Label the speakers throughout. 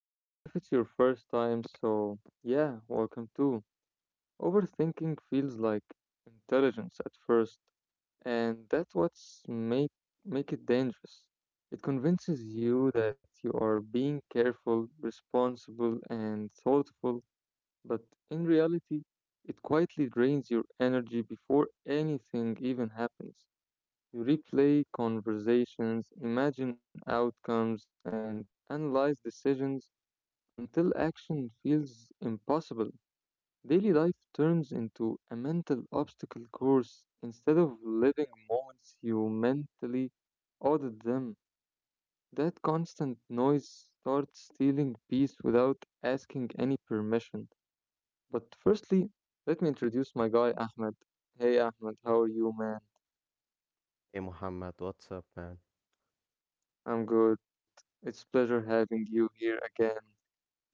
Speaker 1: Or if it's your first time, yeah, welcome too. Overthinking feels like intelligence at first, and that's what's make it dangerous. It convinces you that you are being careful, responsible, and thoughtful, but in reality, it quietly drains your energy before anything even happens. You replay conversations, imagine outcomes, and analyze decisions until action feels impossible. Daily life turns into a mental obstacle course instead of living moments you mentally audit them. That constant noise starts stealing peace without asking any permission. But firstly, let me introduce my guy Ahmed. Hey Ahmed, how are you, man?
Speaker 2: Hey Muhammad, what's up, man?
Speaker 1: I'm good. It's pleasure having you here again.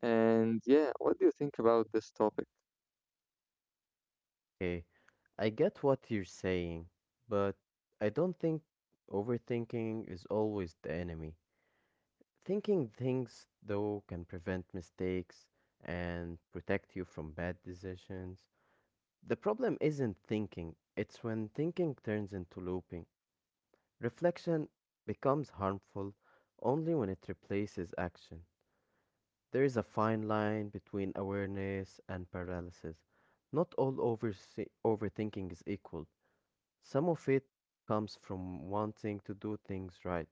Speaker 1: And yeah, what do you think about this topic?
Speaker 2: Hey, I get what you're saying, but I don't think overthinking is always the enemy. Thinking things, though, can prevent mistakes and protect you from bad decisions. The problem isn't thinking, it's when thinking turns into looping. Reflection becomes harmful only when it replaces action. There is a fine line between awareness and paralysis. Not all overthinking is equal. Some of it comes from wanting to do things right.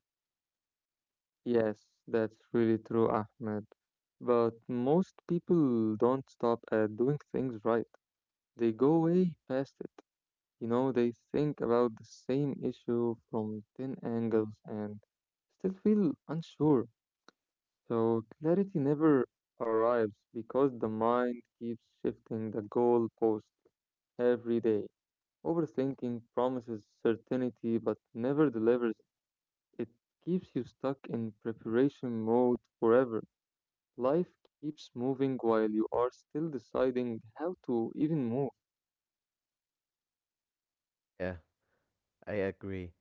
Speaker 1: Yes, that's really true, Ahmed. But most people don't stop at doing things right. They go way past it. You know, they think about the same issue from 10 angles and still feel unsure. So clarity never arrives because the mind keeps shifting the goalpost every day. Overthinking promises certainty but never delivers. It keeps you stuck in preparation mode forever. Life keeps moving while you are still deciding how to even move.
Speaker 2: Yeah, I agree.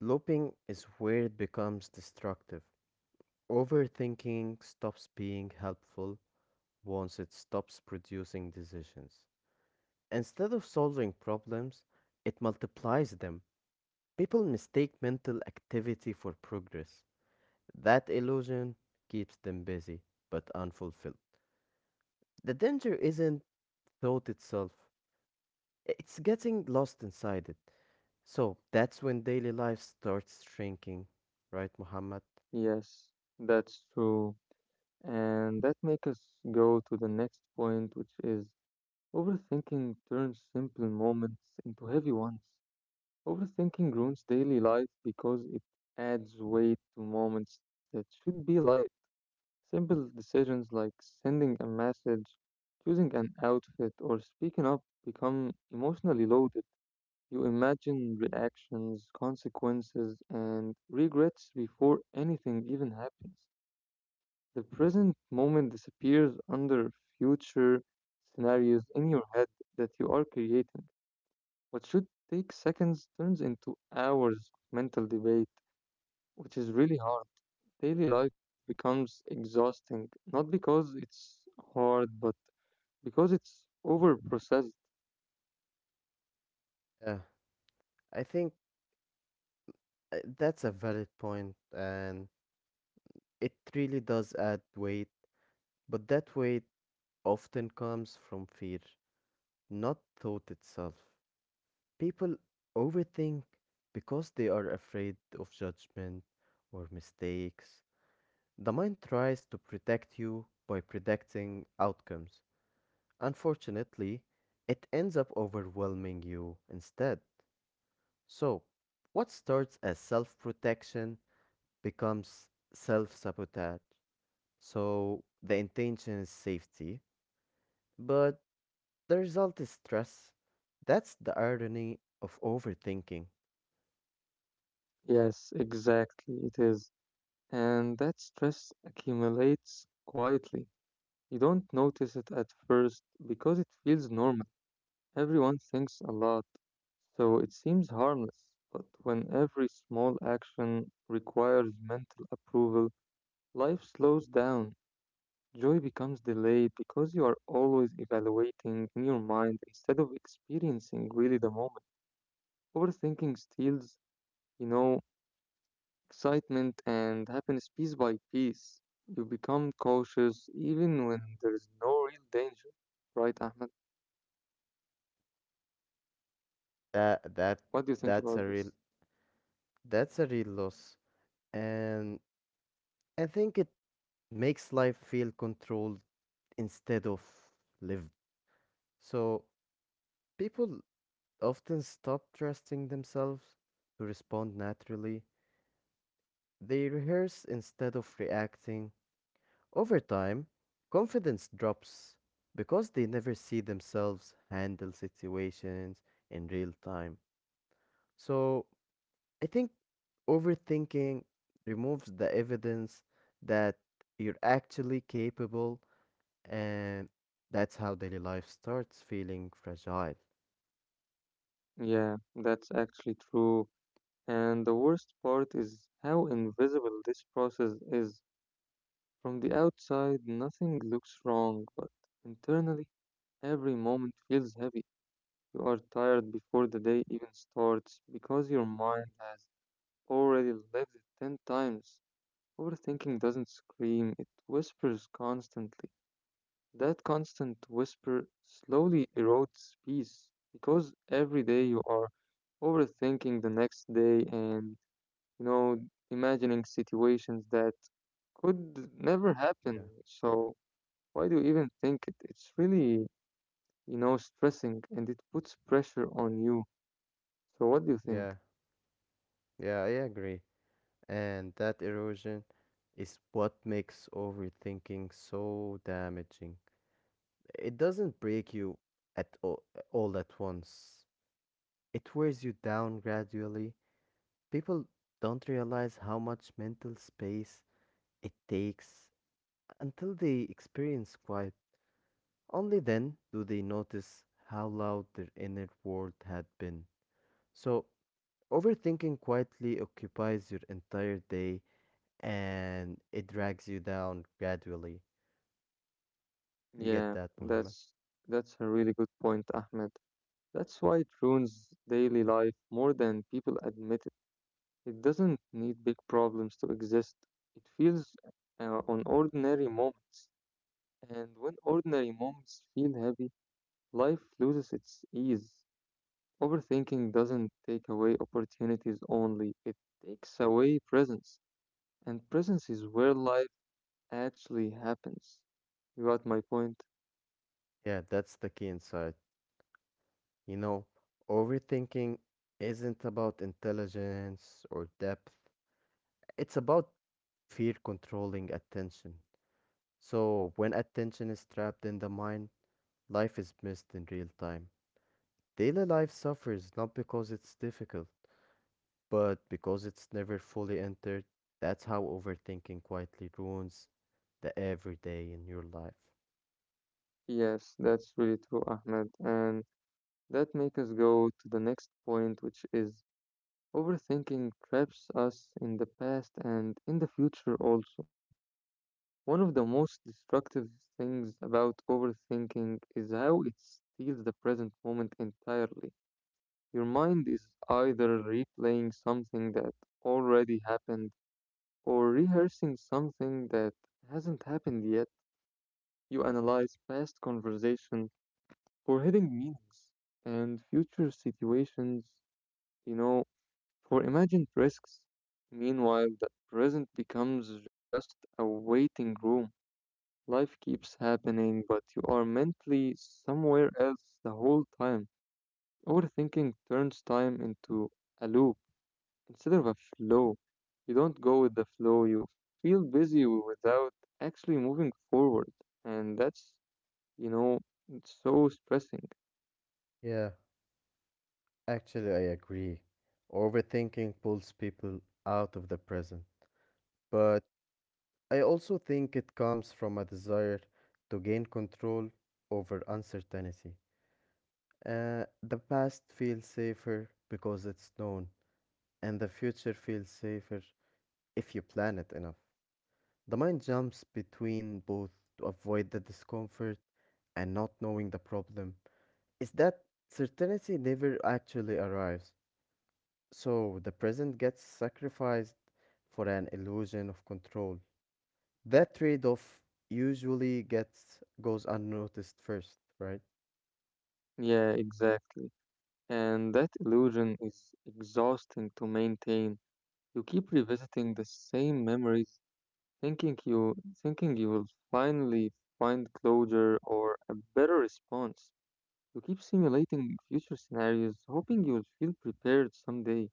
Speaker 2: Looping is where it becomes destructive. Overthinking stops being helpful once it stops producing decisions. Instead of solving problems, it multiplies them. People mistake mental activity for progress. That illusion keeps them busy but unfulfilled. The danger isn't thought itself, it's getting lost inside it. So that's when daily life starts shrinking, right, Muhammad?
Speaker 1: Yes, that's true. And that makes us go to the next point, which is overthinking turns simple moments into heavy ones. Overthinking ruins daily life because it adds weight to moments that should be light. Simple decisions like sending a message, choosing an outfit, or speaking up become emotionally loaded. You imagine reactions, consequences, and regrets before anything even happens. The present moment disappears under future scenarios in your head that you are creating. What should take seconds turns into hours of mental debate, which is really hard. Daily life becomes exhausting, not because it's hard, but because it's overprocessed.
Speaker 2: Yeah, I think that's a valid point, and it really does add weight, but that weight often comes from fear, not thought itself. People overthink because they are afraid of judgment or mistakes. The mind tries to protect you by predicting outcomes. Unfortunately, it ends up overwhelming you instead. So, what starts as self protection becomes self sabotage. So, the intention is safety, but the result is stress. That's the irony of overthinking.
Speaker 1: Yes, exactly, it is. And that stress accumulates quietly. You don't notice it at first because it feels normal. Everyone thinks a lot, so it seems harmless. But when every small action requires mental approval, life slows down. Joy becomes delayed because you are always evaluating in your mind instead of experiencing really the moment. Overthinking steals, you know, excitement and happiness piece by piece. You become cautious even when there is no real danger. Right, Ahmed?
Speaker 2: That, that,
Speaker 1: What do you think
Speaker 2: that's,
Speaker 1: about
Speaker 2: a real,
Speaker 1: this?
Speaker 2: that's a real loss. And I think it makes life feel controlled instead of lived. So people often stop trusting themselves to respond naturally. They rehearse instead of reacting. Over time, confidence drops because they never see themselves handle situations in real time. So I think overthinking removes the evidence that you're actually capable, and that's how daily life starts feeling fragile.
Speaker 1: Yeah, that's actually true. And the worst part is how invisible this process is. From the outside, nothing looks wrong, but internally, every moment feels heavy. You are tired before the day even starts because your mind has already lived it 10 times. Overthinking doesn't scream, it whispers constantly. That constant whisper slowly erodes peace because every day you are overthinking the next day and, you know, imagining situations that could never happen.
Speaker 2: Yeah.
Speaker 1: So, why do you even think it? It's really, you know, stressing and it puts pressure on you. So what do you think?
Speaker 2: Yeah, yeah, I agree. And that erosion is what makes overthinking so damaging. It doesn't break you at all, all at once. It wears you down gradually. People don't realize how much mental space it takes until they experience quiet. Only then do they notice how loud their inner world had been. So, overthinking quietly occupies your entire day and it drags you down gradually. You
Speaker 1: Yeah,
Speaker 2: get that,
Speaker 1: that's
Speaker 2: Muhammad?
Speaker 1: that's a really good point, Ahmed. That's why it ruins daily life more than people admit it. It doesn't need big problems to exist. It feels on ordinary moments. And when ordinary moments feel heavy, life loses its ease. Overthinking doesn't take away opportunities only, it takes away presence. And presence is where life actually happens. You got my point?
Speaker 2: Yeah, that's the key insight. You know, overthinking isn't about intelligence or depth, it's about fear controlling attention. So, when attention is trapped in the mind, life is missed in real time. Daily life suffers not because it's difficult, but because it's never fully entered. That's how overthinking quietly ruins the everyday in your life.
Speaker 1: Yes, that's really true, Ahmed. And that makes us go to the next point, which is overthinking traps us in the past and in the future also. One of the most destructive things about overthinking is how it steals the present moment entirely. Your mind is either replaying something that already happened or rehearsing something that hasn't happened yet. You analyze past conversation for hidden meanings and future situations, you know, for imagined risks. Meanwhile, the present becomes just a waiting room. Life keeps happening, but you are mentally somewhere else the whole time. Overthinking turns time into a loop instead of a flow. You don't go with the flow. You feel busy without actually moving forward. And that's, you know, it's so stressing.
Speaker 2: Yeah, actually, I agree. Overthinking pulls people out of the present. But I also think it comes from a desire to gain control over uncertainty. The past feels safer because it's known, and the future feels safer if you plan it enough. The mind jumps between both to avoid the discomfort and not knowing the problem. Is that certainty never actually arrives? So the present gets sacrificed for an illusion of control. That trade-off usually gets goes unnoticed first, right?
Speaker 1: Yeah, exactly. And that illusion is exhausting to maintain. You keep revisiting the same memories, thinking you will finally find closure or a better response. You keep simulating future scenarios, hoping you'll feel prepared someday.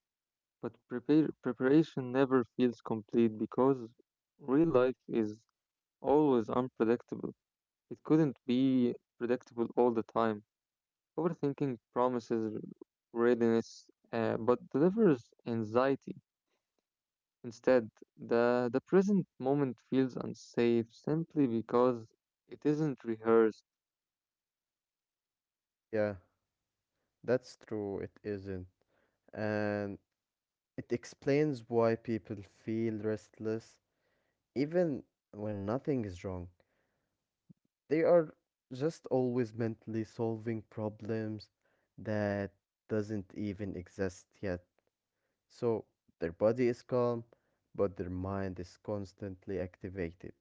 Speaker 1: But preparation never feels complete because real life is always unpredictable. It couldn't be predictable all the time. Overthinking promises readiness, but delivers anxiety. Instead, the present moment feels unsafe simply because it isn't rehearsed.
Speaker 2: Yeah, that's true, it isn't. And it explains why people feel restless even when nothing is wrong. They are just always mentally solving problems that doesn't even exist yet. So their body is calm, but their mind is constantly activated.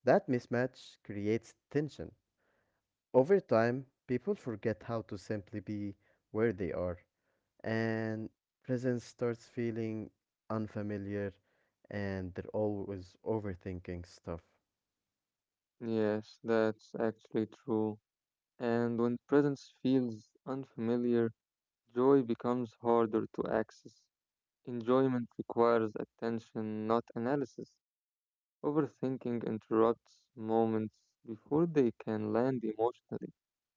Speaker 2: That mismatch creates tension. Over time, people forget how to simply be where they are, and presence starts feeling unfamiliar, and they're always overthinking stuff.
Speaker 1: Yes, that's actually true. And when presence feels unfamiliar, joy becomes harder to access. Enjoyment requires attention, not analysis. Overthinking interrupts moments before they can land emotionally.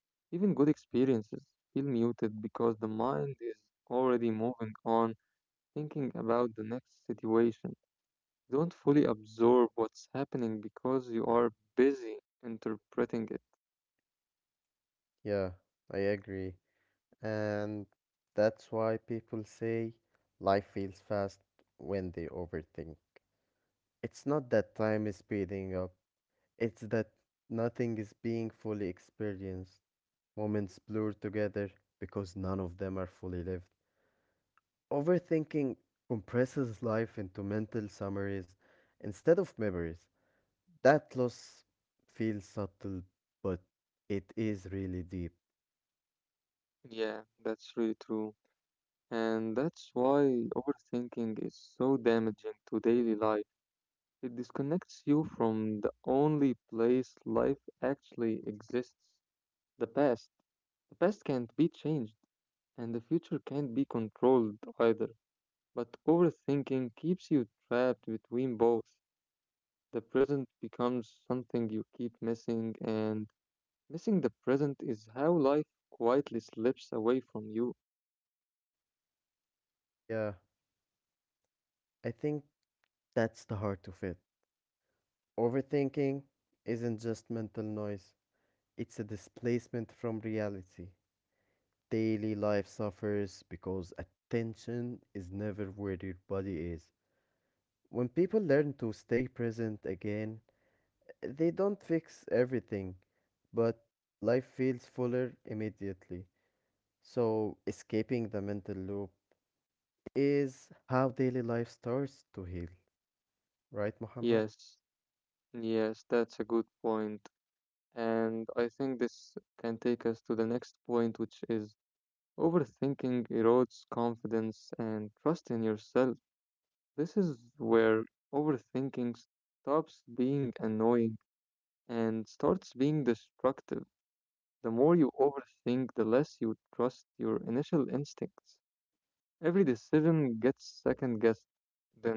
Speaker 1: Even good experiences feel muted because the mind is already moving on, thinking about the next situation. You don't fully absorb what's happening because you are busy interpreting it.
Speaker 2: Yeah, I agree. And that's why people say life feels fast when they overthink. It's not that time is speeding up, it's that nothing is being fully experienced. Moments blur together because none of them are fully lived. Overthinking compresses life into mental summaries instead of memories. That loss feels subtle, but it is really deep.
Speaker 1: Yeah, that's really true. And that's why overthinking is so damaging to daily life. It disconnects you from the only place life actually exists: the past. The past can't be changed, and the future can't be controlled either. But overthinking keeps you trapped between both. The present becomes something you keep missing, and missing the present is how life quietly slips away from you.
Speaker 2: Yeah, I think that's the heart of it. Overthinking isn't just mental noise, it's a displacement from reality. Daily life suffers because attention is never where your body is. When people learn to stay present again, they don't fix everything, but life feels fuller immediately. So, escaping the mental loop is how daily life starts to heal. Right, Muhammad?
Speaker 1: Yes, yes, that's a good point. And I think this can take us to the next point, which is overthinking erodes confidence and trust in yourself. This is where overthinking stops being annoying and starts being destructive. The more you overthink, the less you trust your initial instincts. Every decision gets second guessed,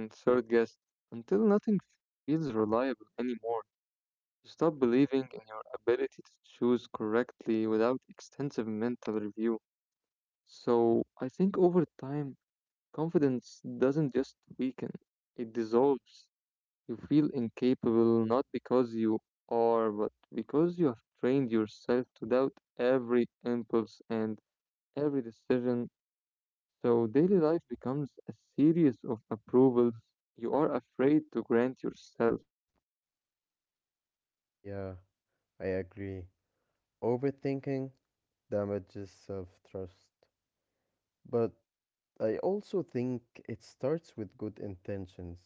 Speaker 1: then third guessed, until nothing feels reliable anymore. You stop believing in your ability to choose correctly without extensive mental review. So, I think over time, confidence doesn't just weaken, it dissolves. You feel incapable not because you are, but because you have trained yourself to doubt every impulse and every decision. So daily life becomes a series of approvals you are afraid to grant yourself.
Speaker 2: Yeah, I agree. Overthinking damages self trust. But I also think it starts with good intentions.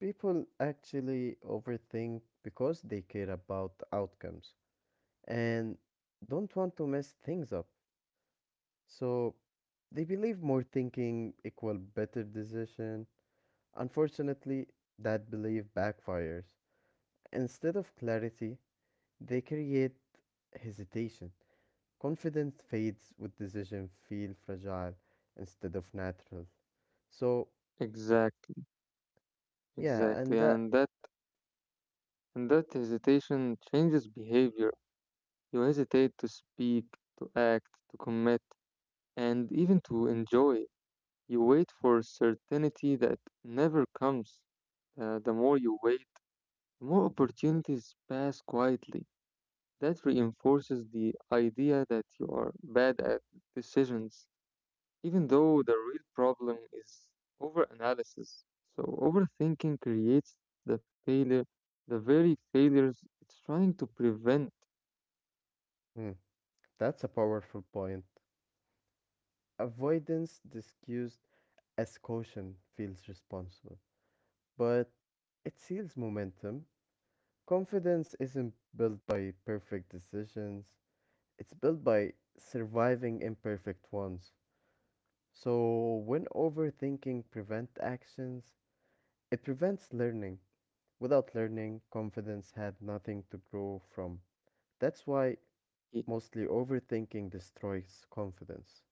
Speaker 2: People actually overthink because they care about outcomes and don't want to mess things up. So they believe more thinking equal better decision. Unfortunately, that belief backfires. Instead of clarity, they create hesitation. Confidence fades with decision feel fragile instead of natural. So
Speaker 1: Exactly,
Speaker 2: yeah, and
Speaker 1: exactly.
Speaker 2: that
Speaker 1: And that hesitation changes behavior. You hesitate to speak, to act, to commit, and even to enjoy. You wait for certainty that never comes. The more you wait, the more opportunities pass quietly. That reinforces the idea that you are bad at decisions, even though the real problem is overanalysis. So, overthinking creates failure, the very failures it's trying to prevent.
Speaker 2: mm, that's a powerful point. Avoidance discussed as caution feels responsible, but it seals momentum. Confidence isn't built by perfect decisions, it's built by surviving imperfect ones. So, when overthinking prevents actions, it prevents learning. Without learning, confidence had nothing to grow from. That's why
Speaker 1: Y-
Speaker 2: mostly overthinking destroys confidence.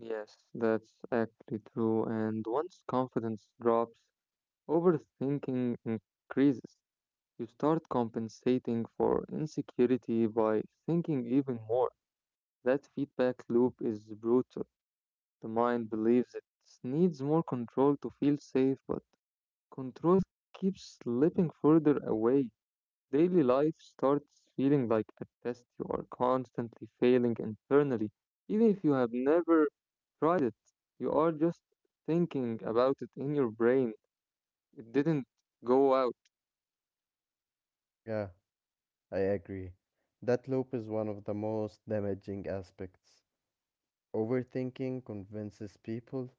Speaker 1: Yes, that's actually true. And once confidence drops, overthinking increases. You start compensating for insecurity by thinking even more. That feedback loop is brutal. The mind believes it needs more control to feel safe, but control keeps slipping further away. Daily life starts feeling like a test you are constantly failing internally, even if you have never tried it. You are just thinking about it in your brain. It didn't go out.
Speaker 2: Yeah, I agree. That loop is one of the most damaging aspects. Overthinking convinces people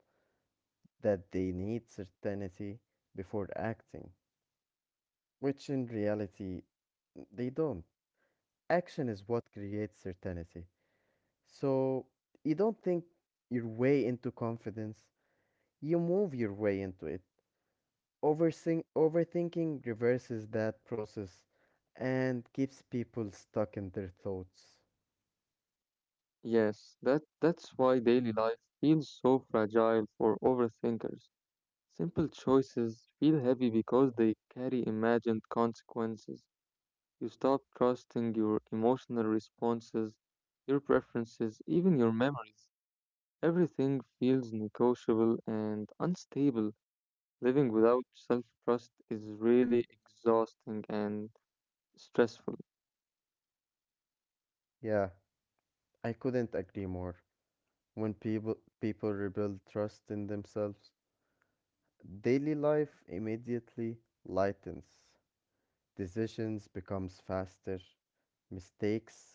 Speaker 2: that they need certainty before acting, which in reality they don't. Action is what creates certainty. So you don't think your way into confidence, you move your way into it. Overthinking reverses that process and keeps people stuck in their thoughts.
Speaker 1: Yes, that's why daily life feels so fragile for overthinkers. Simple choices feel heavy because they carry imagined consequences. You stop trusting your emotional responses, your preferences, even your memories. Everything feels negotiable and unstable. Living without self trust is really exhausting and stressful.
Speaker 2: Yeah, I couldn't agree more. When people rebuild trust in themselves, daily life immediately lightens. Decisions becomes faster, mistakes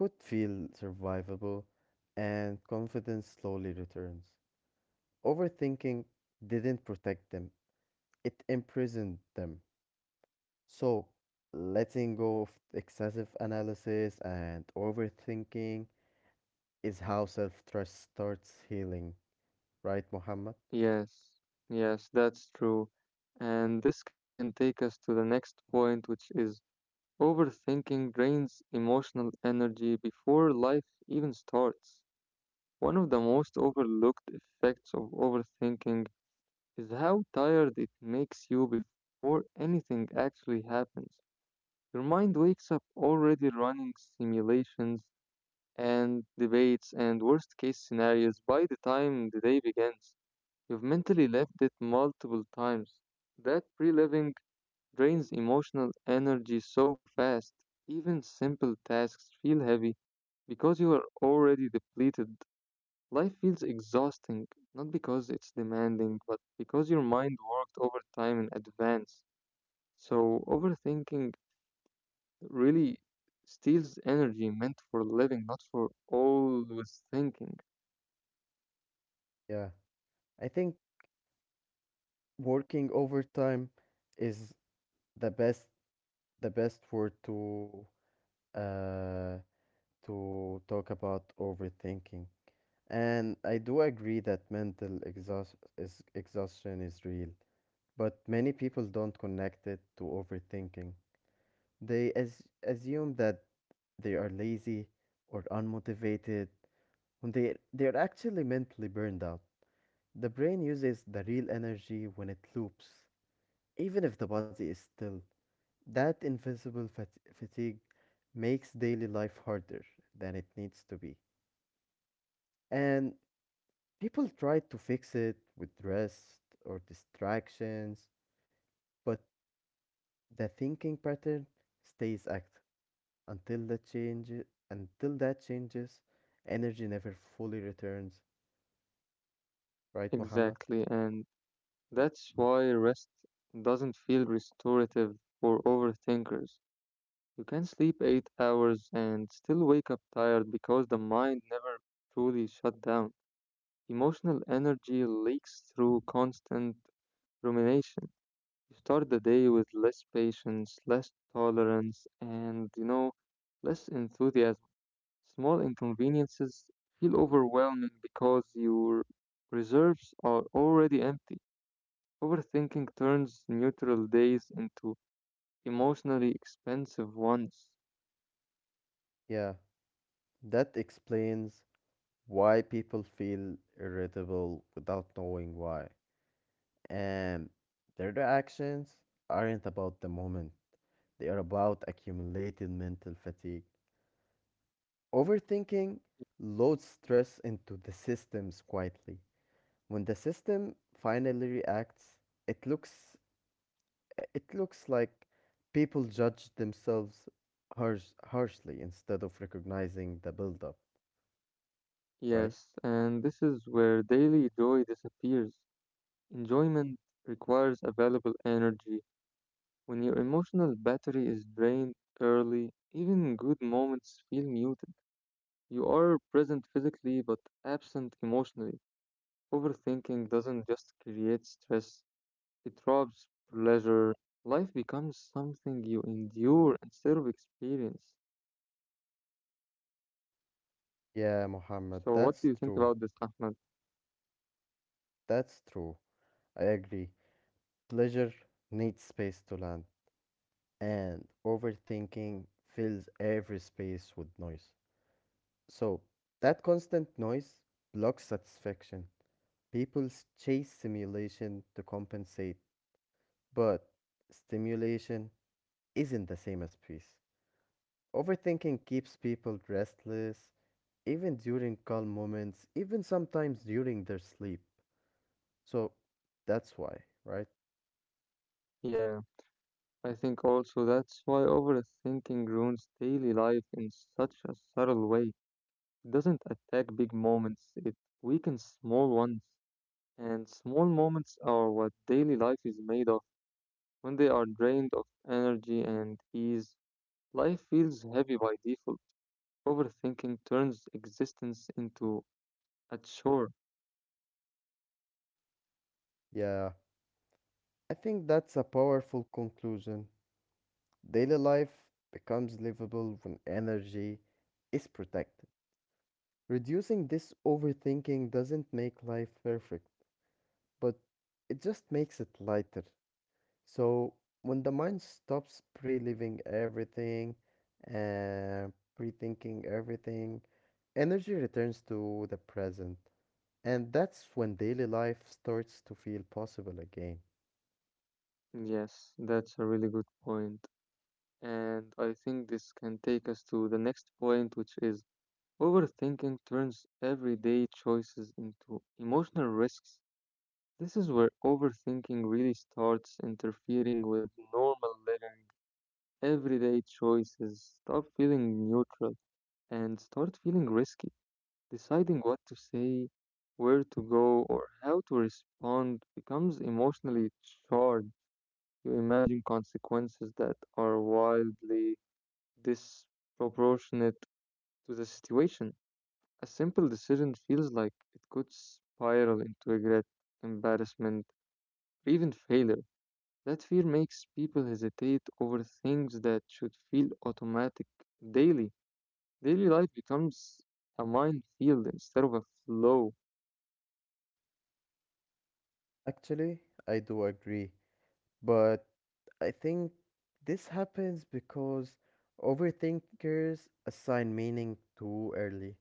Speaker 2: could feel survivable, and confidence slowly returns. Overthinking didn't protect them, it imprisoned them. So, letting go of excessive analysis and overthinking is how self-trust starts healing, right, Muhammad?
Speaker 1: Yes, yes, that's true. And this can take us to the next point, which is overthinking drains emotional energy before life even starts. One of the most overlooked effects of overthinking is how tired it makes you before anything actually happens. Your mind wakes up already running simulations and debates and worst case scenarios by the time the day begins. You've mentally left it multiple times. That pre living drains emotional energy so fast. Even simple tasks feel heavy because you are already depleted. Life feels exhausting, not because it's demanding, but because your mind worked overtime in advance. So, overthinking really steals energy meant for living, not for always thinking.
Speaker 2: Yeah. I think working overtime is the best the best word uh to talk about overthinking. And I do agree that exhaustion is real, but many people don't connect it to overthinking. They assume that they are lazy or unmotivated when they are actually mentally burned out. The brain uses the real energy when it loops, even if the body is still. That invisible fatigue makes daily life harder than it needs to be. And people try to fix it with rest or distractions, but the thinking pattern stays active until that change. Until that changes, energy never fully returns. Right, Muhammad?
Speaker 1: Exactly, and that's why rest doesn't feel restorative for overthinkers. You can sleep 8 hours and still wake up tired because the mind never truly shut down. Emotional energy leaks through constant rumination. You start the day with less patience, less tolerance, and, you know, less enthusiasm. Small inconveniences feel overwhelming because your reserves are already empty. Overthinking turns neutral days into emotionally expensive ones.
Speaker 2: Yeah, that explains why people feel irritable without knowing why. And their reactions aren't about the moment; they are about accumulated mental fatigue. Overthinking loads stress into the systems quietly. When the system finally reacts, it looks it looks like people judge themselves harshly instead of recognizing the buildup, right?
Speaker 1: Yes, and this is where daily joy disappears. Enjoyment requires available energy. When your emotional battery is drained early, even good moments feel muted. You are present physically but absent emotionally. Overthinking doesn't just create stress, it robs pleasure. Life becomes something you endure instead of experience.
Speaker 2: Yeah, Mohammed,
Speaker 1: So, what do you
Speaker 2: that's
Speaker 1: think
Speaker 2: true.
Speaker 1: about this, Ahmed?
Speaker 2: That's true. I agree. Pleasure needs space to land, and overthinking fills every space with noise. So, that constant noise blocks satisfaction. People chase simulation to compensate, but stimulation isn't the same as peace. Overthinking keeps people restless, even during calm moments, even sometimes during their sleep. So that's why, right?
Speaker 1: Yeah, I think also that's why overthinking ruins daily life in such a subtle way. It doesn't attack big moments, it weakens small ones. And small moments are what daily life is made of. When they are drained of energy and ease, life feels heavy by default. Overthinking turns existence into a chore.
Speaker 2: Yeah, I think that's a powerful conclusion. Daily life becomes livable when energy is protected. Reducing this overthinking doesn't make life perfect, but it just makes it lighter. So when the mind stops pre-living everything and pre-thinking everything, energy returns to the present. And that's when daily life starts to feel possible again.
Speaker 1: Yes, that's a really good point. And I think this can take us to the next point, which is overthinking turns everyday choices into emotional risks. This is where overthinking really starts interfering with normal living, everyday choices. Stop feeling neutral and start feeling risky. Deciding what to say, where to go, or how to respond becomes emotionally charged. You imagine consequences that are wildly disproportionate to the situation. A simple decision feels like it could spiral into regret, embarrassment, or even failure. That fear makes people hesitate over things that should feel automatic daily. Daily life becomes a minefield instead of a flow.
Speaker 2: Actually, I do agree, but I think this happens because overthinkers assign meaning too early.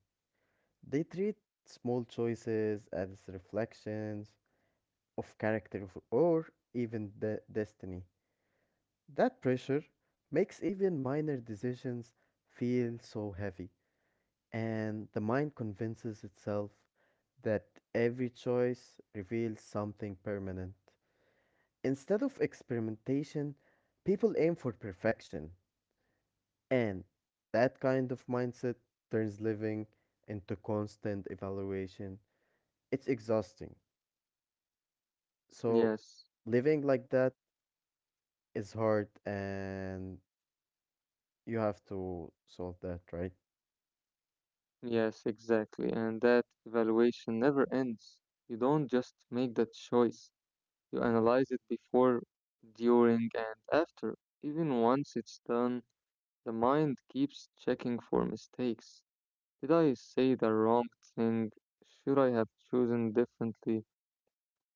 Speaker 2: They treat small choices as reflections of or even the destiny. That pressure makes even minor decisions feel so heavy, and the mind convinces itself that every choice reveals something permanent. Instead of experimentation, people aim for perfection, and that kind of mindset turns living into constant evaluation. It's exhausting. So,
Speaker 1: Yes,
Speaker 2: living like that is hard and you have to solve that, right?
Speaker 1: yes, exactly. And that evaluation never ends. You don't just make that choice, you analyze it before, during, and after. Even once it's done, the mind keeps checking for mistakes. Did I say the wrong thing? Should I have chosen differently?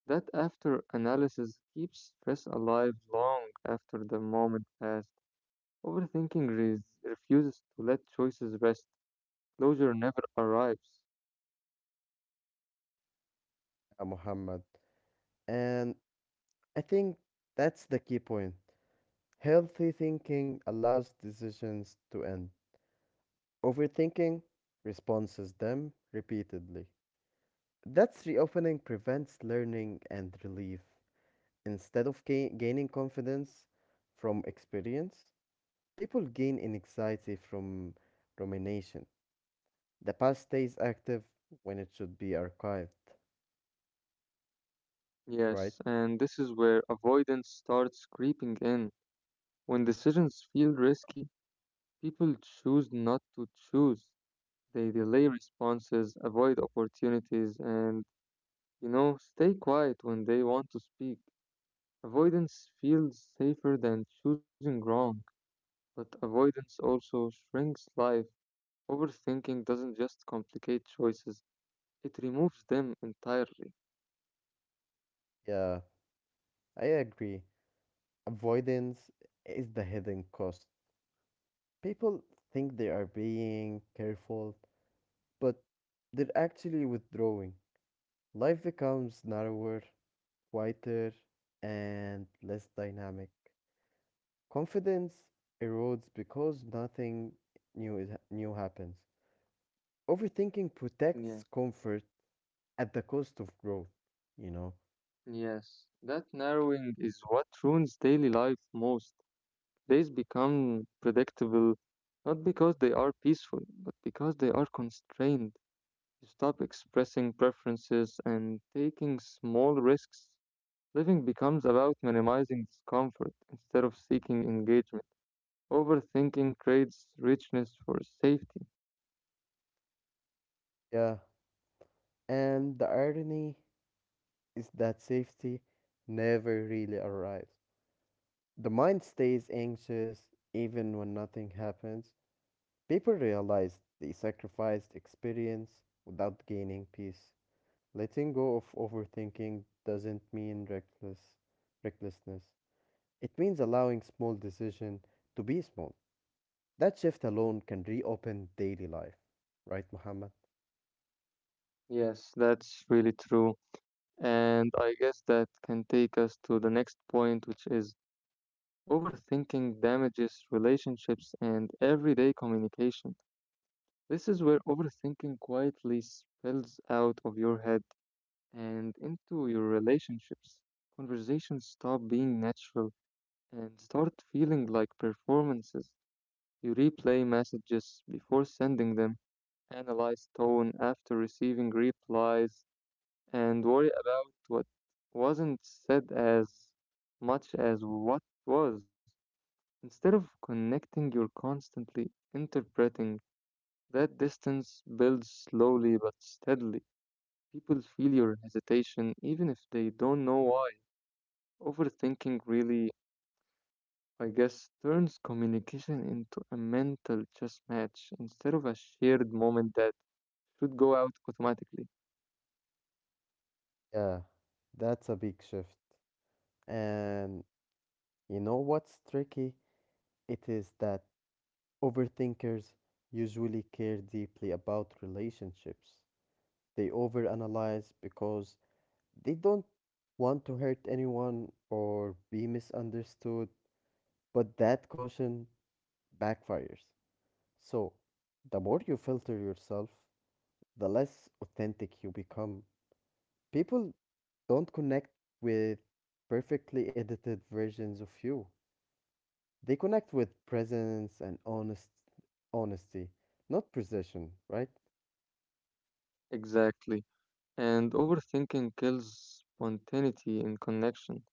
Speaker 1: That after analysis keeps stress alive long after the moment passed. Overthinking refuses to let choices rest. Closure never arrives.
Speaker 2: Muhammad. And I think that's the key point. Healthy thinking allows decisions to end. Overthinking responses them repeatedly. That's reopening prevents learning and relief. Instead of gaining confidence from experience, people gain anxiety from rumination. The past stays active when it should be archived, right?
Speaker 1: Yes, and this is where avoidance starts creeping in. When decisions feel risky, people choose not to choose. They delay responses, avoid opportunities, and, stay quiet when they want to speak. Avoidance feels safer than choosing wrong, but avoidance also shrinks life. Overthinking doesn't just complicate choices, it removes them entirely.
Speaker 2: Yeah, I agree. Avoidance is the hidden cost. People think they are being careful, but they're actually withdrawing. Life becomes narrower, quieter, and less dynamic. Confidence erodes because nothing new is, new happens. Overthinking
Speaker 1: Yeah.
Speaker 2: protects comfort at the cost of growth, you know.
Speaker 1: Yes, that narrowing is what ruins daily life most. Days become predictable not because they are peaceful, but because they are constrained. You stop expressing preferences and taking small risks. Living becomes about minimizing discomfort instead of seeking engagement. Overthinking trades richness for safety.
Speaker 2: Yeah, and the irony is that safety never really arrives. The mind stays anxious even when nothing happens. People realize they sacrificed experience without gaining peace. Letting go of overthinking doesn't mean recklessness. It means allowing small decision to be small. That shift alone can reopen daily life. Right, Muhammad?
Speaker 1: Yes, that's really true. And I guess that can take us to the next point, which is overthinking damages relationships and everyday communication. This is where overthinking quietly spills out of your head and into your relationships. Conversations stop being natural and start feeling like performances. You replay messages before sending them, analyze tone after receiving replies, and worry about what wasn't said as much as what was. Instead of connecting, you're constantly interpreting that distance builds slowly but steadily. People feel your hesitation even if they don't know why. Overthinking really, I guess, turns communication into a mental chess match instead of a shared moment that should go out automatically.
Speaker 2: Yeah, that's a big shift. And you know what's tricky? It is that overthinkers usually care deeply about relationships. They overanalyze because they don't want to hurt anyone or be misunderstood, but that caution backfires. So, the more you filter yourself, the less authentic you become. People don't connect with perfectly edited versions of you. They connect with presence and honesty, not precision, right?
Speaker 1: Exactly. And overthinking kills spontaneity in connection.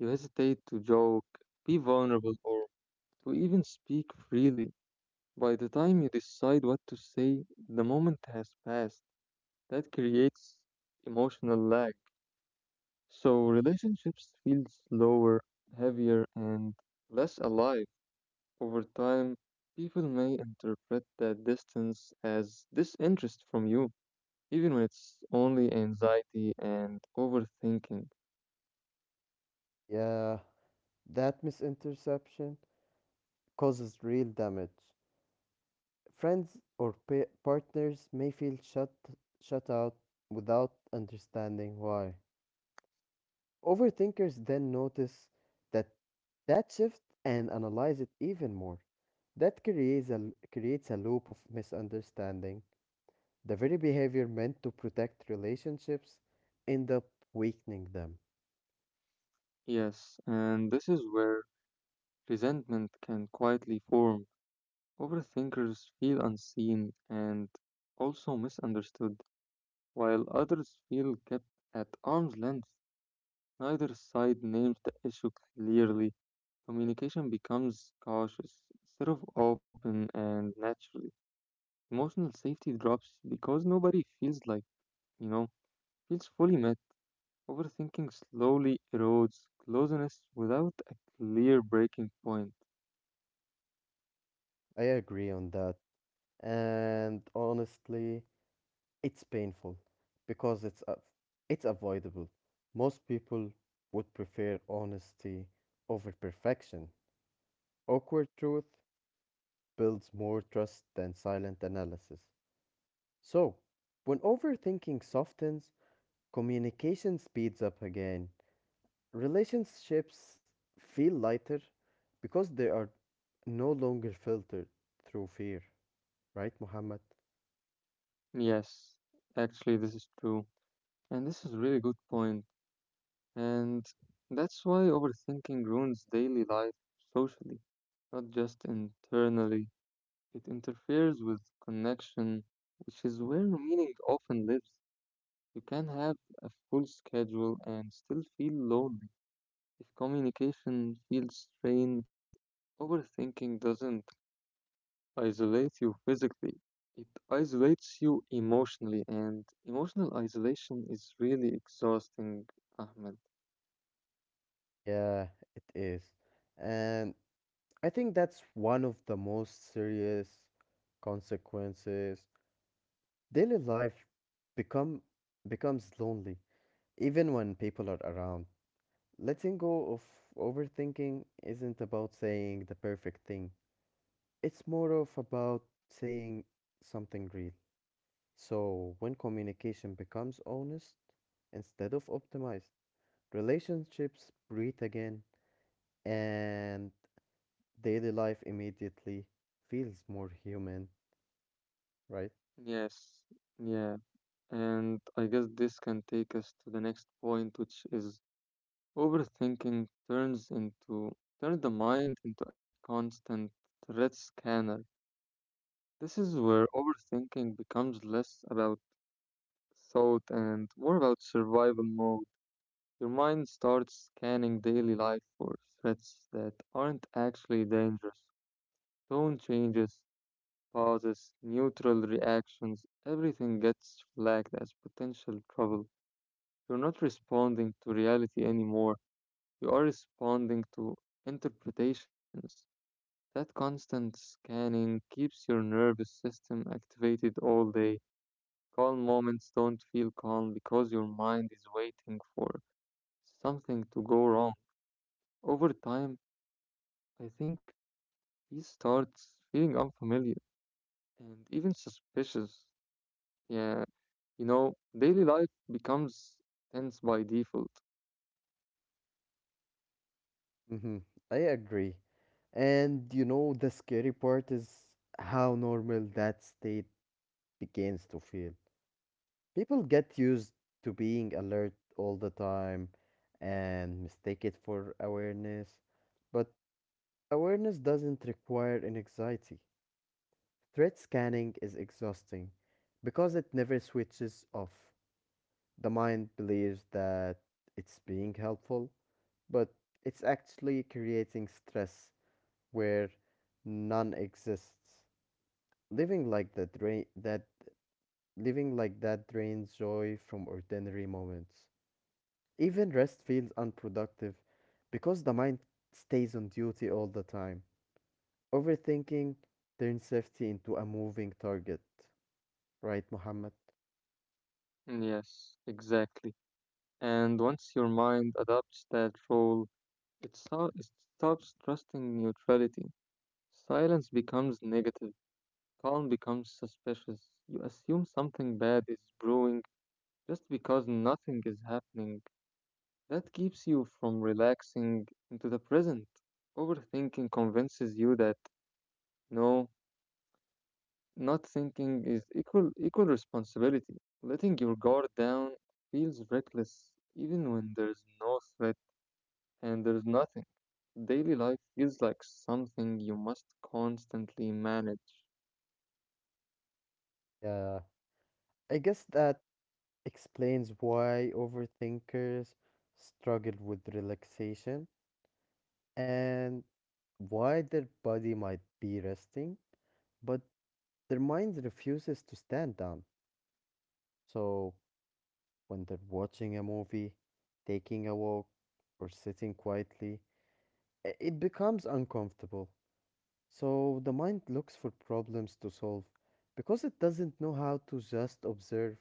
Speaker 1: You hesitate to joke, be vulnerable, or to even speak freely. By the time you decide what to say, the moment has passed. That creates emotional lag. So relationships feel slower, heavier, and less alive. Over time, people may interpret that distance as disinterest from you, even when it's only anxiety and overthinking.
Speaker 2: Yeah, that misinterception causes real damage. Friends or partners may feel shut out without understanding why. Overthinkers then notice that that shift and analyze it even more. That creates a loop of misunderstanding. The very behavior meant to protect relationships end up weakening them.
Speaker 1: Yes, and this is where resentment can quietly form. Overthinkers feel unseen and also misunderstood, while others feel kept at arm's length. Neither side names the issue clearly. Communication becomes cautious instead of open and naturally. Emotional safety drops because nobody feels like, you know, feels fully met. Overthinking slowly erodes closeness without a clear breaking point.
Speaker 2: I agree on that. And honestly, it's painful because it's avoidable. Most people would prefer honesty over perfection. Awkward truth builds more trust than silent analysis. So, when overthinking softens, communication speeds up again. Relationships feel lighter because they are no longer filtered through fear, right, Muhammad?
Speaker 1: Yes, actually, this is true. And this is a really good point. And that's why overthinking ruins daily life socially, not just internally. It interferes with connection, which is where meaning often lives. You can have a full schedule and still feel lonely. If communication feels strained, overthinking doesn't isolate you physically, it isolates you emotionally, and emotional isolation is really exhausting, Ahmed.
Speaker 2: Yeah, it is. And I think that's one of the most serious consequences. Daily life become becomes lonely even when people are around. Letting go of overthinking isn't about saying the perfect thing. It's more of about saying something real. So when communication becomes honest instead of optimized, relationships breathe again, and daily life immediately feels more human, right?
Speaker 1: Yes, yeah, and I guess this can take us to the next point, which is Overthinking turns into turns the mind into a constant threat scanner. This is where overthinking becomes less about thought and more about survival mode. Your mind starts scanning daily life for threats that aren't actually dangerous. Tone changes, pauses, neutral reactions, everything gets flagged as potential trouble. You're not responding to reality anymore. You are responding to interpretations. That constant scanning keeps your nervous system activated all day. Calm moments don't feel calm because your mind is waiting for something to go wrong. Over time, I think peace starts feeling unfamiliar and even suspicious. Yeah, you know, daily life becomes tense by default.
Speaker 2: Mm-hmm. I agree. And you know, the scary part is how normal that state begins to feel. People get used to being alert all the time and mistake it for awareness. But awareness doesn't require an anxiety. Threat scanning is exhausting because it never switches off. The mind believes that it's being helpful, but it's actually creating stress where none exists. Living like that drain that Living like that drains joy from ordinary moments. Even rest feels unproductive because the mind stays on duty all the time. Overthinking turns safety into a moving target. Right, Muhammad?
Speaker 1: Yes, exactly. And once your mind adopts that role, it stops trusting neutrality. Silence becomes negative. Calm becomes suspicious. You assume something bad is brewing just because nothing is happening. That keeps you from relaxing into the present. Overthinking convinces you that no, not thinking is equal responsibility. Letting your guard down feels reckless even when there's no threat and there's nothing. Daily life feels like something you must constantly manage.
Speaker 2: Yeah. I guess that explains why overthinkers struggle with relaxation, and why their body might be resting, but their mind refuses to stand down. So, when they're watching a movie, taking a walk, or sitting quietly, it becomes uncomfortable. So, the mind looks for problems to solve because it doesn't know how to just observe.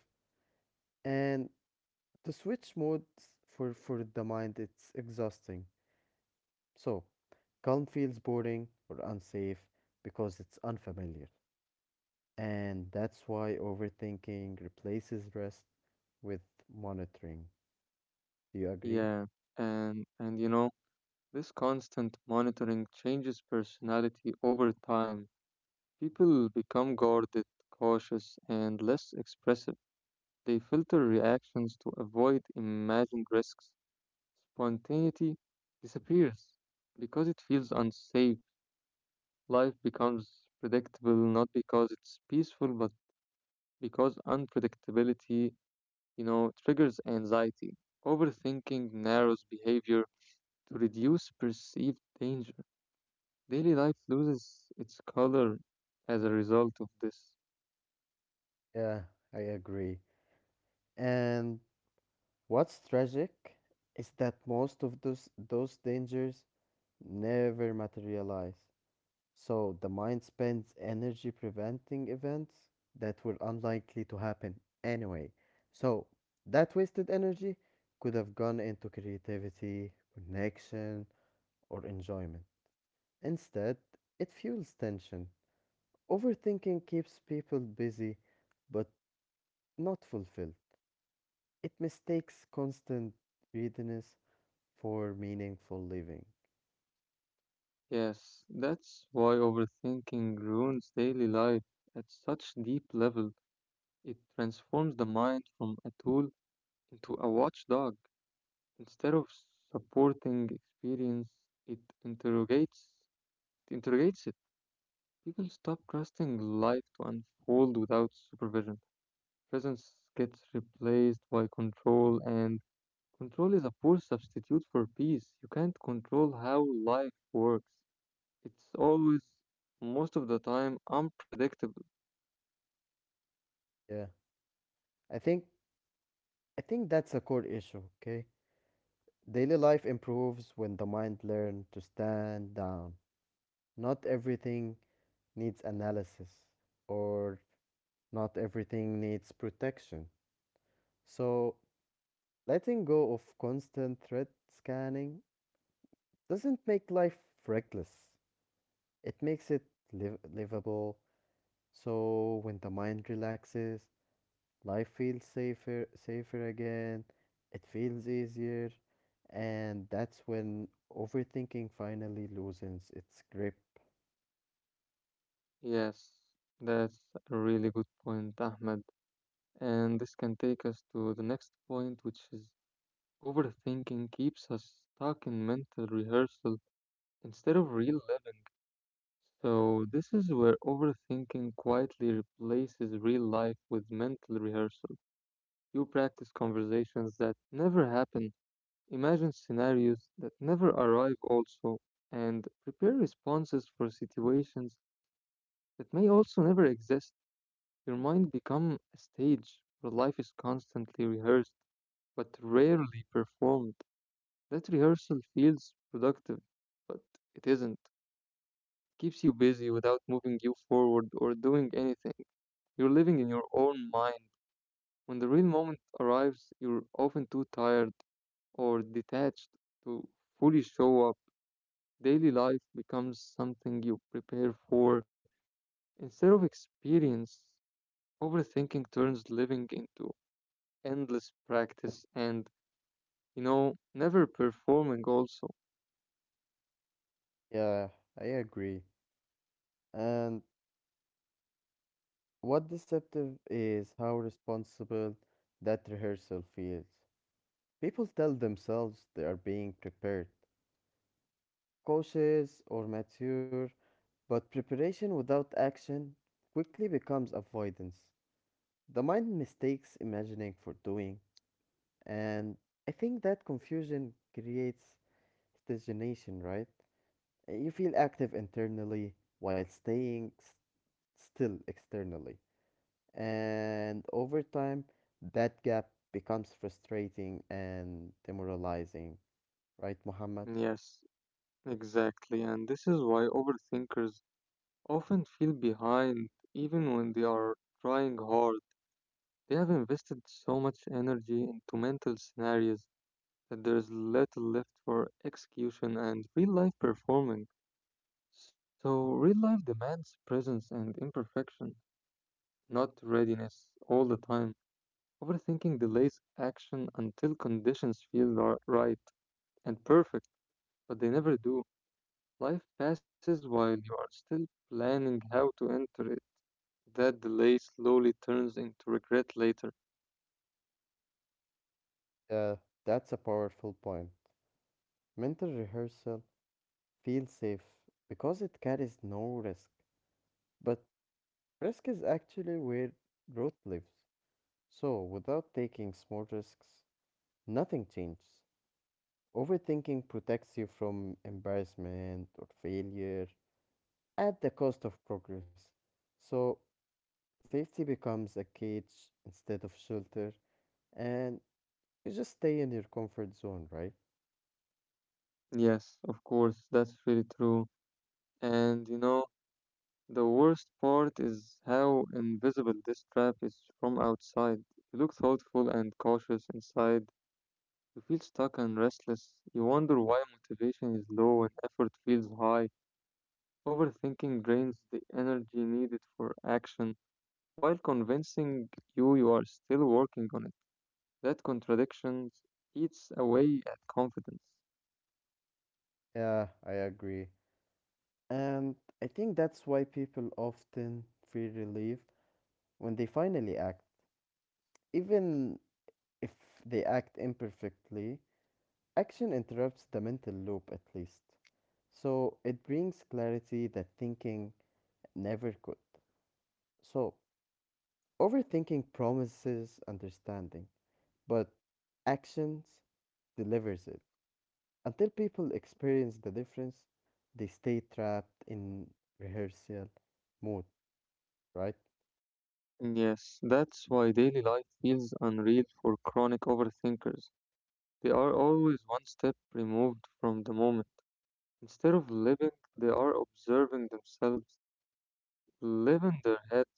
Speaker 2: And to switch modes for the mind, it's exhausting. So, calm feels boring or unsafe because it's unfamiliar. And that's why overthinking replaces rest with monitoring. Do you agree?
Speaker 1: Yeah, and you know, this constant monitoring changes personality over time. People become guarded, cautious, and less expressive. They filter reactions to avoid imagined risks. Spontaneity disappears because it feels unsafe. Life becomes predictable not because it's peaceful, but because unpredictability, you know, triggers anxiety. Overthinking narrows behavior to reduce perceived danger. Daily life loses its color as a result of this.
Speaker 2: Yeah, I agree. And what's tragic is that most of those dangers never materialize. So the mind spends energy preventing events that were unlikely to happen anyway. So that wasted energy could have gone into creativity, connection, or enjoyment. Instead, it fuels tension. Overthinking keeps people busy, but not fulfilled. It mistakes constant readiness for meaningful living.
Speaker 1: Yes, that's why overthinking ruins daily life at such deep level. It transforms the mind from a tool into a watchdog. Instead of supporting experience, it interrogates it interrogates it. People stop trusting life to unfold without supervision. Presence gets replaced by control, and control is a poor substitute for peace. You can't control how life works, it's always, most of the time, unpredictable.
Speaker 2: Yeah. I think I think that's a core issue, okay? Daily life improves when the mind learns to stand down. Not everything needs analysis, or not everything needs protection. So, letting go of constant threat scanning doesn't make life reckless. It makes it livable. So, when the mind relaxes, life feels safer again. It feels easier, and that's when overthinking finally loosens its grip.
Speaker 1: Yes, that's a really good point, Ahmed. And this can take us to the next point, which is overthinking keeps us stuck in mental rehearsal instead of real living. So, this is where overthinking quietly replaces real life with mental rehearsal. You practice conversations that never happen, imagine scenarios that never arrive, also, and prepare responses for situations that may also never exist. Your mind becomes a stage where life is constantly rehearsed but rarely performed. That rehearsal feels productive, but it isn't. It keeps you busy without moving you forward or doing anything. You're living in your own mind when the real moment arrives, you're often too tired or detached to fully show up. Daily life becomes something you prepare for instead of experience. Overthinking turns living into endless practice and, you know, never performing also.
Speaker 2: Yeah, I agree. And what deceptive is how responsible that rehearsal feels. People tell themselves they are being prepared, cautious or mature, but preparation without action quickly becomes avoidance. The mind mistakes imagining for doing, and I think that confusion creates stagnation, right? You feel active internally while staying still externally. And over time, that gap becomes frustrating and demoralizing, right, Muhammad?
Speaker 1: Yes, exactly. And this is why overthinkers often feel behind even when they are trying hard. They have invested so much energy into mental scenarios that there's little left for execution and real life performing. So, real life demands presence and imperfection, not readiness all the time. Overthinking delays action until conditions feel right and perfect, but they never do. Life passes while you are still planning how to enter it. That delay slowly turns into regret later.
Speaker 2: Yeah, that's a powerful point. Mental rehearsal feels safe because it carries no risk. But risk is actually where growth lives. So, without taking small risks, nothing changes. Overthinking protects you from embarrassment or failure at the cost of progress. So, safety becomes a cage instead of shelter, and you just stay in your comfort zone, right?
Speaker 1: Yes, of course, that's really true. And you know, the worst part is how invisible this trap is from outside. You look thoughtful and cautious inside. You feel stuck and restless. You wonder why motivation is low and effort feels high. Overthinking drains the energy needed for action while convincing you you are still working on it. That contradiction eats away at confidence.
Speaker 2: Yeah, I agree. And I think that's why people often feel relief when they finally act, even if they act imperfectly. Action interrupts the mental loop at least. So it brings clarity that thinking never could. So overthinking promises understanding, but actions delivers it. Until people experience the difference, they stay trapped in rehearsal mode, right?
Speaker 1: Yes, that's why daily life feels unreal for chronic overthinkers. They are always one step removed from the moment. Instead of living, they are observing themselves, live in their heads.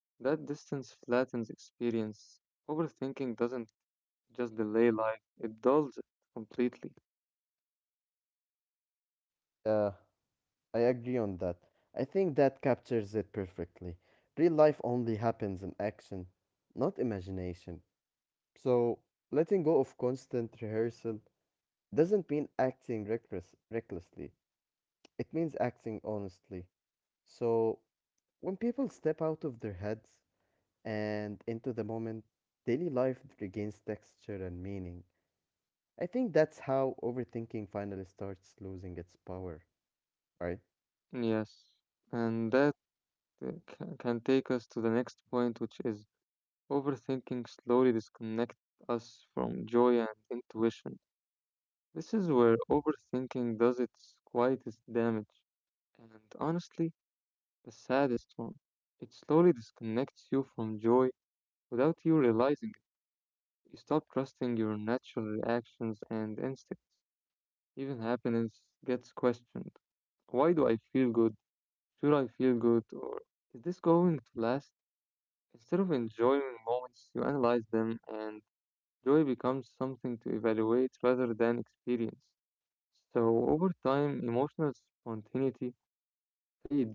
Speaker 1: That distance flattens experience. Overthinking doesn't just delay life, it dulls it completely.
Speaker 2: Uh, I agree on that. I think that captures it perfectly. Real life only happens in action, not imagination. So, letting go of constant rehearsal doesn't mean acting recklessly, it means acting honestly. So, when people step out of their heads and into the moment, daily life regains texture and meaning. I think that's how overthinking finally starts losing its power, right?
Speaker 1: Yes, and that can take us to the next point, which is overthinking slowly disconnects us from joy and intuition. This is where overthinking does its quietest damage, and honestly, the saddest one. It slowly disconnects you from joy without you realizing it. You stop trusting your natural reactions and instincts. Even happiness gets questioned. Why do I feel good? Should I feel good? Or is this going to last? Instead of enjoying moments, you analyze them, and joy becomes something to evaluate rather than experience. So over time, emotional spontaneity fades.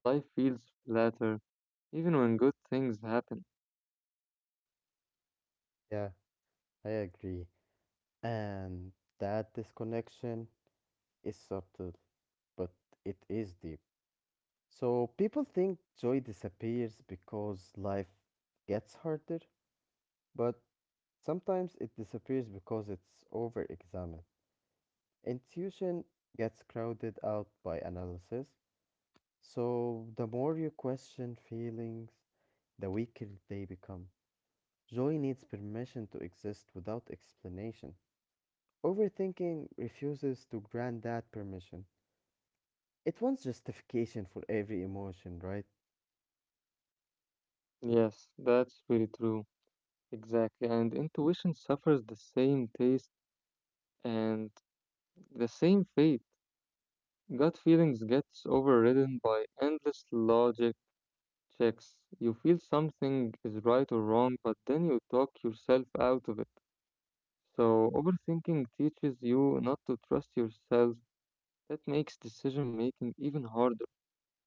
Speaker 1: Life feels flatter, even when good things happen.
Speaker 2: Yeah, I agree. And that disconnection is subtle, but it is deep. So people think joy disappears because life gets harder, but sometimes it disappears because it's over-examined. Intuition gets crowded out by analysis, so the more you question feelings, the weaker they become. Joy needs permission to exist without explanation. Overthinking refuses to grant that permission. It wants justification for every emotion, right?
Speaker 1: Yes, that's really true. Exactly. And intuition suffers the same taste and the same fate. Gut feelings gets overridden by endless logic checks. You feel something is right or wrong, but then you talk yourself out of it. So overthinking teaches you not to trust yourself. That makes decision making even harder,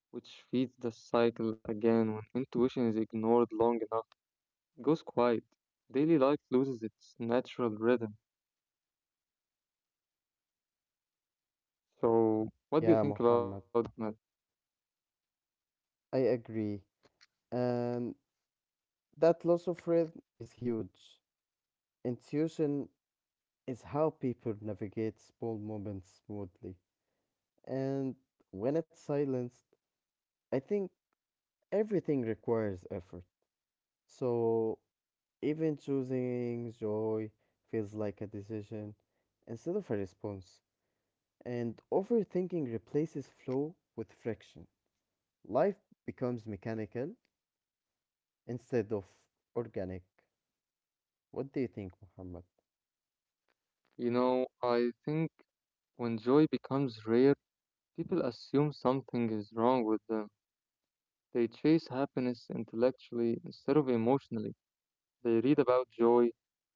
Speaker 1: which feeds the cycle again when intuition is ignored long enough. It goes quiet. Daily life loses its natural rhythm. So, what do you
Speaker 2: Yeah,
Speaker 1: think about
Speaker 2: Muhammad,
Speaker 1: that, Matt?
Speaker 2: I agree. And that loss of rhythm is huge. Intuition is how people navigate small moments smoothly. And when it's silenced, I think everything requires effort. So even choosing joy feels like a decision instead of a response. And overthinking replaces flow with friction. Life becomes mechanical instead of organic. What do you think, Muhammad?
Speaker 1: You know, I think when joy becomes rare, people assume something is wrong with them. They chase happiness intellectually instead of emotionally. They read about joy,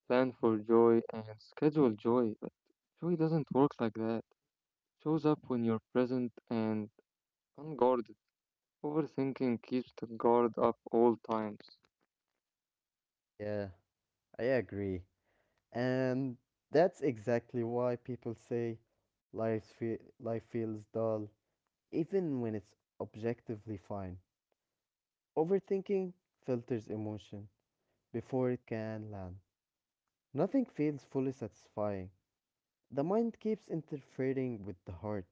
Speaker 1: plan for joy, and schedule joy, but joy doesn't work like that. Shows up when you're present and unguarded. Overthinking keeps the guard up all times.
Speaker 2: Yeah, I agree. And that's exactly why people say life feels dull, even when it's objectively fine. Overthinking filters emotion before it can land. Nothing feels fully satisfying. The mind keeps interfering with the heart.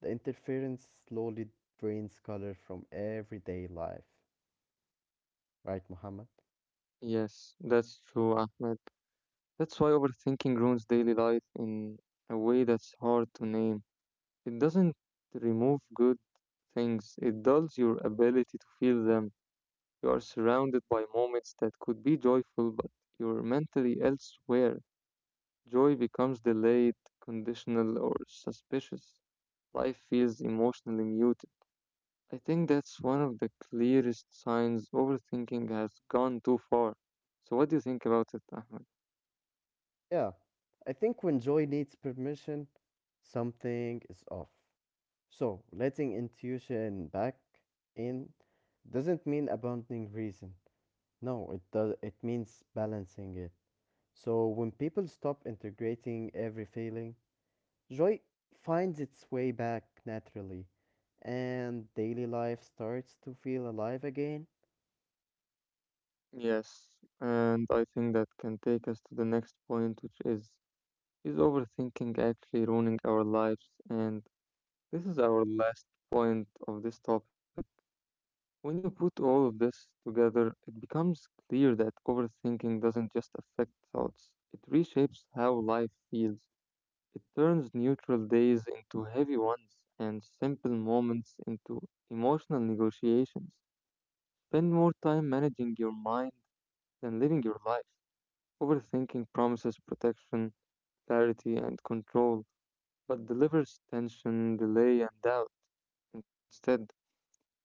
Speaker 2: The interference slowly drains color from everyday life. Right, Muhammad?
Speaker 1: Yes, that's true, Ahmed. That's why overthinking ruins daily life in a way that's hard to name. It doesn't remove good things, it dulls your ability to feel them. You are surrounded by moments that could be joyful, but you're mentally elsewhere. Joy becomes delayed, conditional, or suspicious. Life feels emotionally muted. I think that's one of the clearest signs overthinking has gone too far. So, what do you think about it, Ahmed?
Speaker 2: Yeah. I think when joy needs permission, something is off. So, letting intuition back in doesn't mean abandoning reason. No, it does it means balancing it. So, when people stop integrating every feeling, joy finds its way back naturally, and daily life starts to feel alive again.
Speaker 1: Yes, and I think that can take us to the next point, which is overthinking actually ruining our lives? And this is our last point of this topic. When you put all of this together, it becomes clear that overthinking doesn't just affect thoughts, it reshapes how life feels. It turns neutral days into heavy ones and simple moments into emotional negotiations. Spend more time managing your mind than living your life. Overthinking promises protection, clarity, and control, but delivers tension, delay, and doubt. Instead,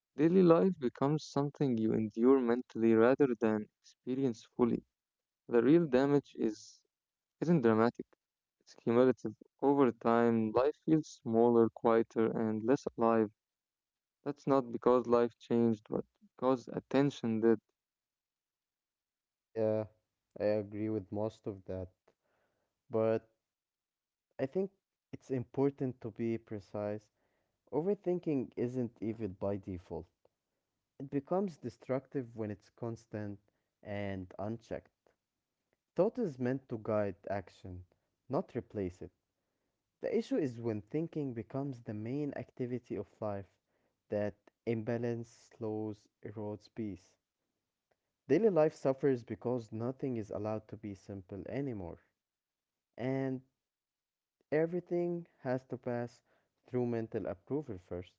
Speaker 1: daily life becomes something you endure mentally rather than experience fully. The real damage is Isn't dramatic. It's cumulative. Over time, life feels smaller, quieter, and less alive. That's not because life changed, but because attention did.
Speaker 2: Yeah, I agree with most of that. But I think it's important to be precise. Overthinking isn't evil by default. It becomes destructive when it's constant and unchecked. Thought is meant to guide action, not replace it. The issue is when thinking becomes the main activity of life, that imbalance slows, erodes peace. Daily life suffers because nothing is allowed to be simple anymore, and everything has to pass through mental approval first.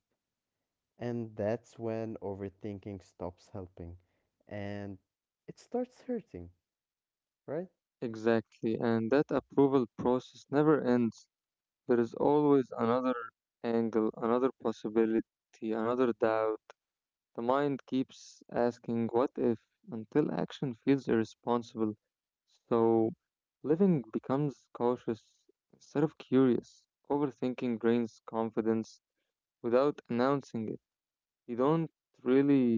Speaker 2: And that's when overthinking stops helping and it starts hurting. Right?
Speaker 1: Exactly. And that approval process never ends. There is always another angle, another possibility, another doubt. The mind keeps asking, what if, until action feels irresponsible. So living becomes cautious instead of curious. Overthinking drains confidence without announcing it. You don't really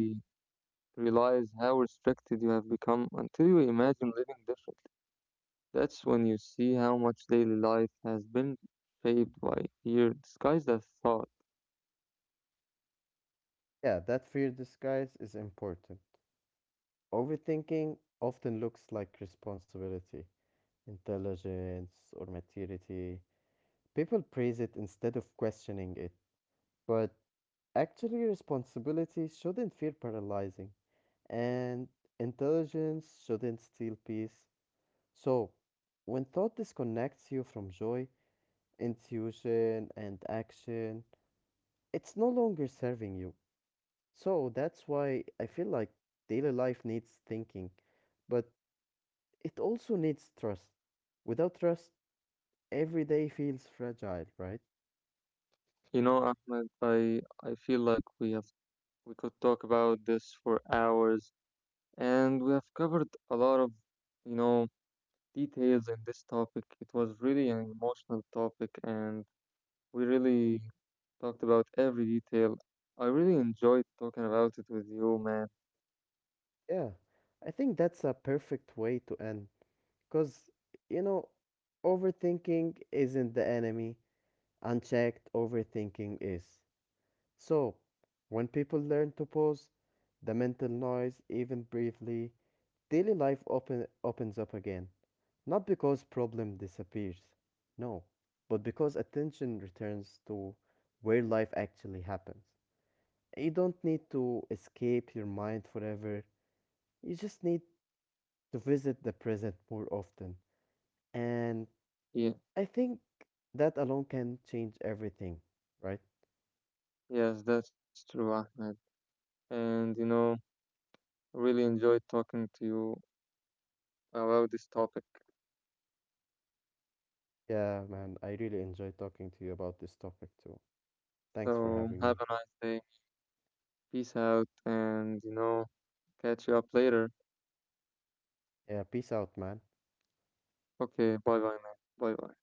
Speaker 1: realize how restricted you have become until you imagine living differently. That's when you see how much daily life has been shaped by fear disguised as thought.
Speaker 2: Yeah, that fear disguise is important. Overthinking often looks like responsibility, intelligence, or maturity. People praise it instead of questioning it. But actually, responsibility shouldn't feel paralyzing, and intelligence shouldn't steal peace. So, when thought disconnects you from joy, intuition, and action, it's no longer serving you. So that's why I feel like daily life needs thinking, but it also needs trust. Without trust, every day feels fragile, right?
Speaker 1: You know, Ahmed, I feel like we could talk about this for hours and we have covered a lot of, you know, details in this topic. It was really an emotional topic and we really talked about every detail. I really enjoyed talking about it with you, man.
Speaker 2: Yeah, I think that's a perfect way to end because, you know, overthinking isn't the enemy, unchecked overthinking is. So, when people learn to pause the mental noise even briefly, daily life opens up again. Not because problem disappears, no, but because attention returns to where life actually happens. You don't need to escape your mind forever. You just need to visit the present more often. And
Speaker 1: Yeah,
Speaker 2: I think that alone can change everything, right?
Speaker 1: yes, that's true, Ahmed. And you know, really enjoyed talking to you about this topic.
Speaker 2: Yeah, man, I really enjoy talking to you about this topic too. Thanks for
Speaker 1: So
Speaker 2: having me.
Speaker 1: have a nice day. Peace out, and you know, catch you up later.
Speaker 2: Yeah, peace out, man.
Speaker 1: Okay, bye bye, man. Bye bye.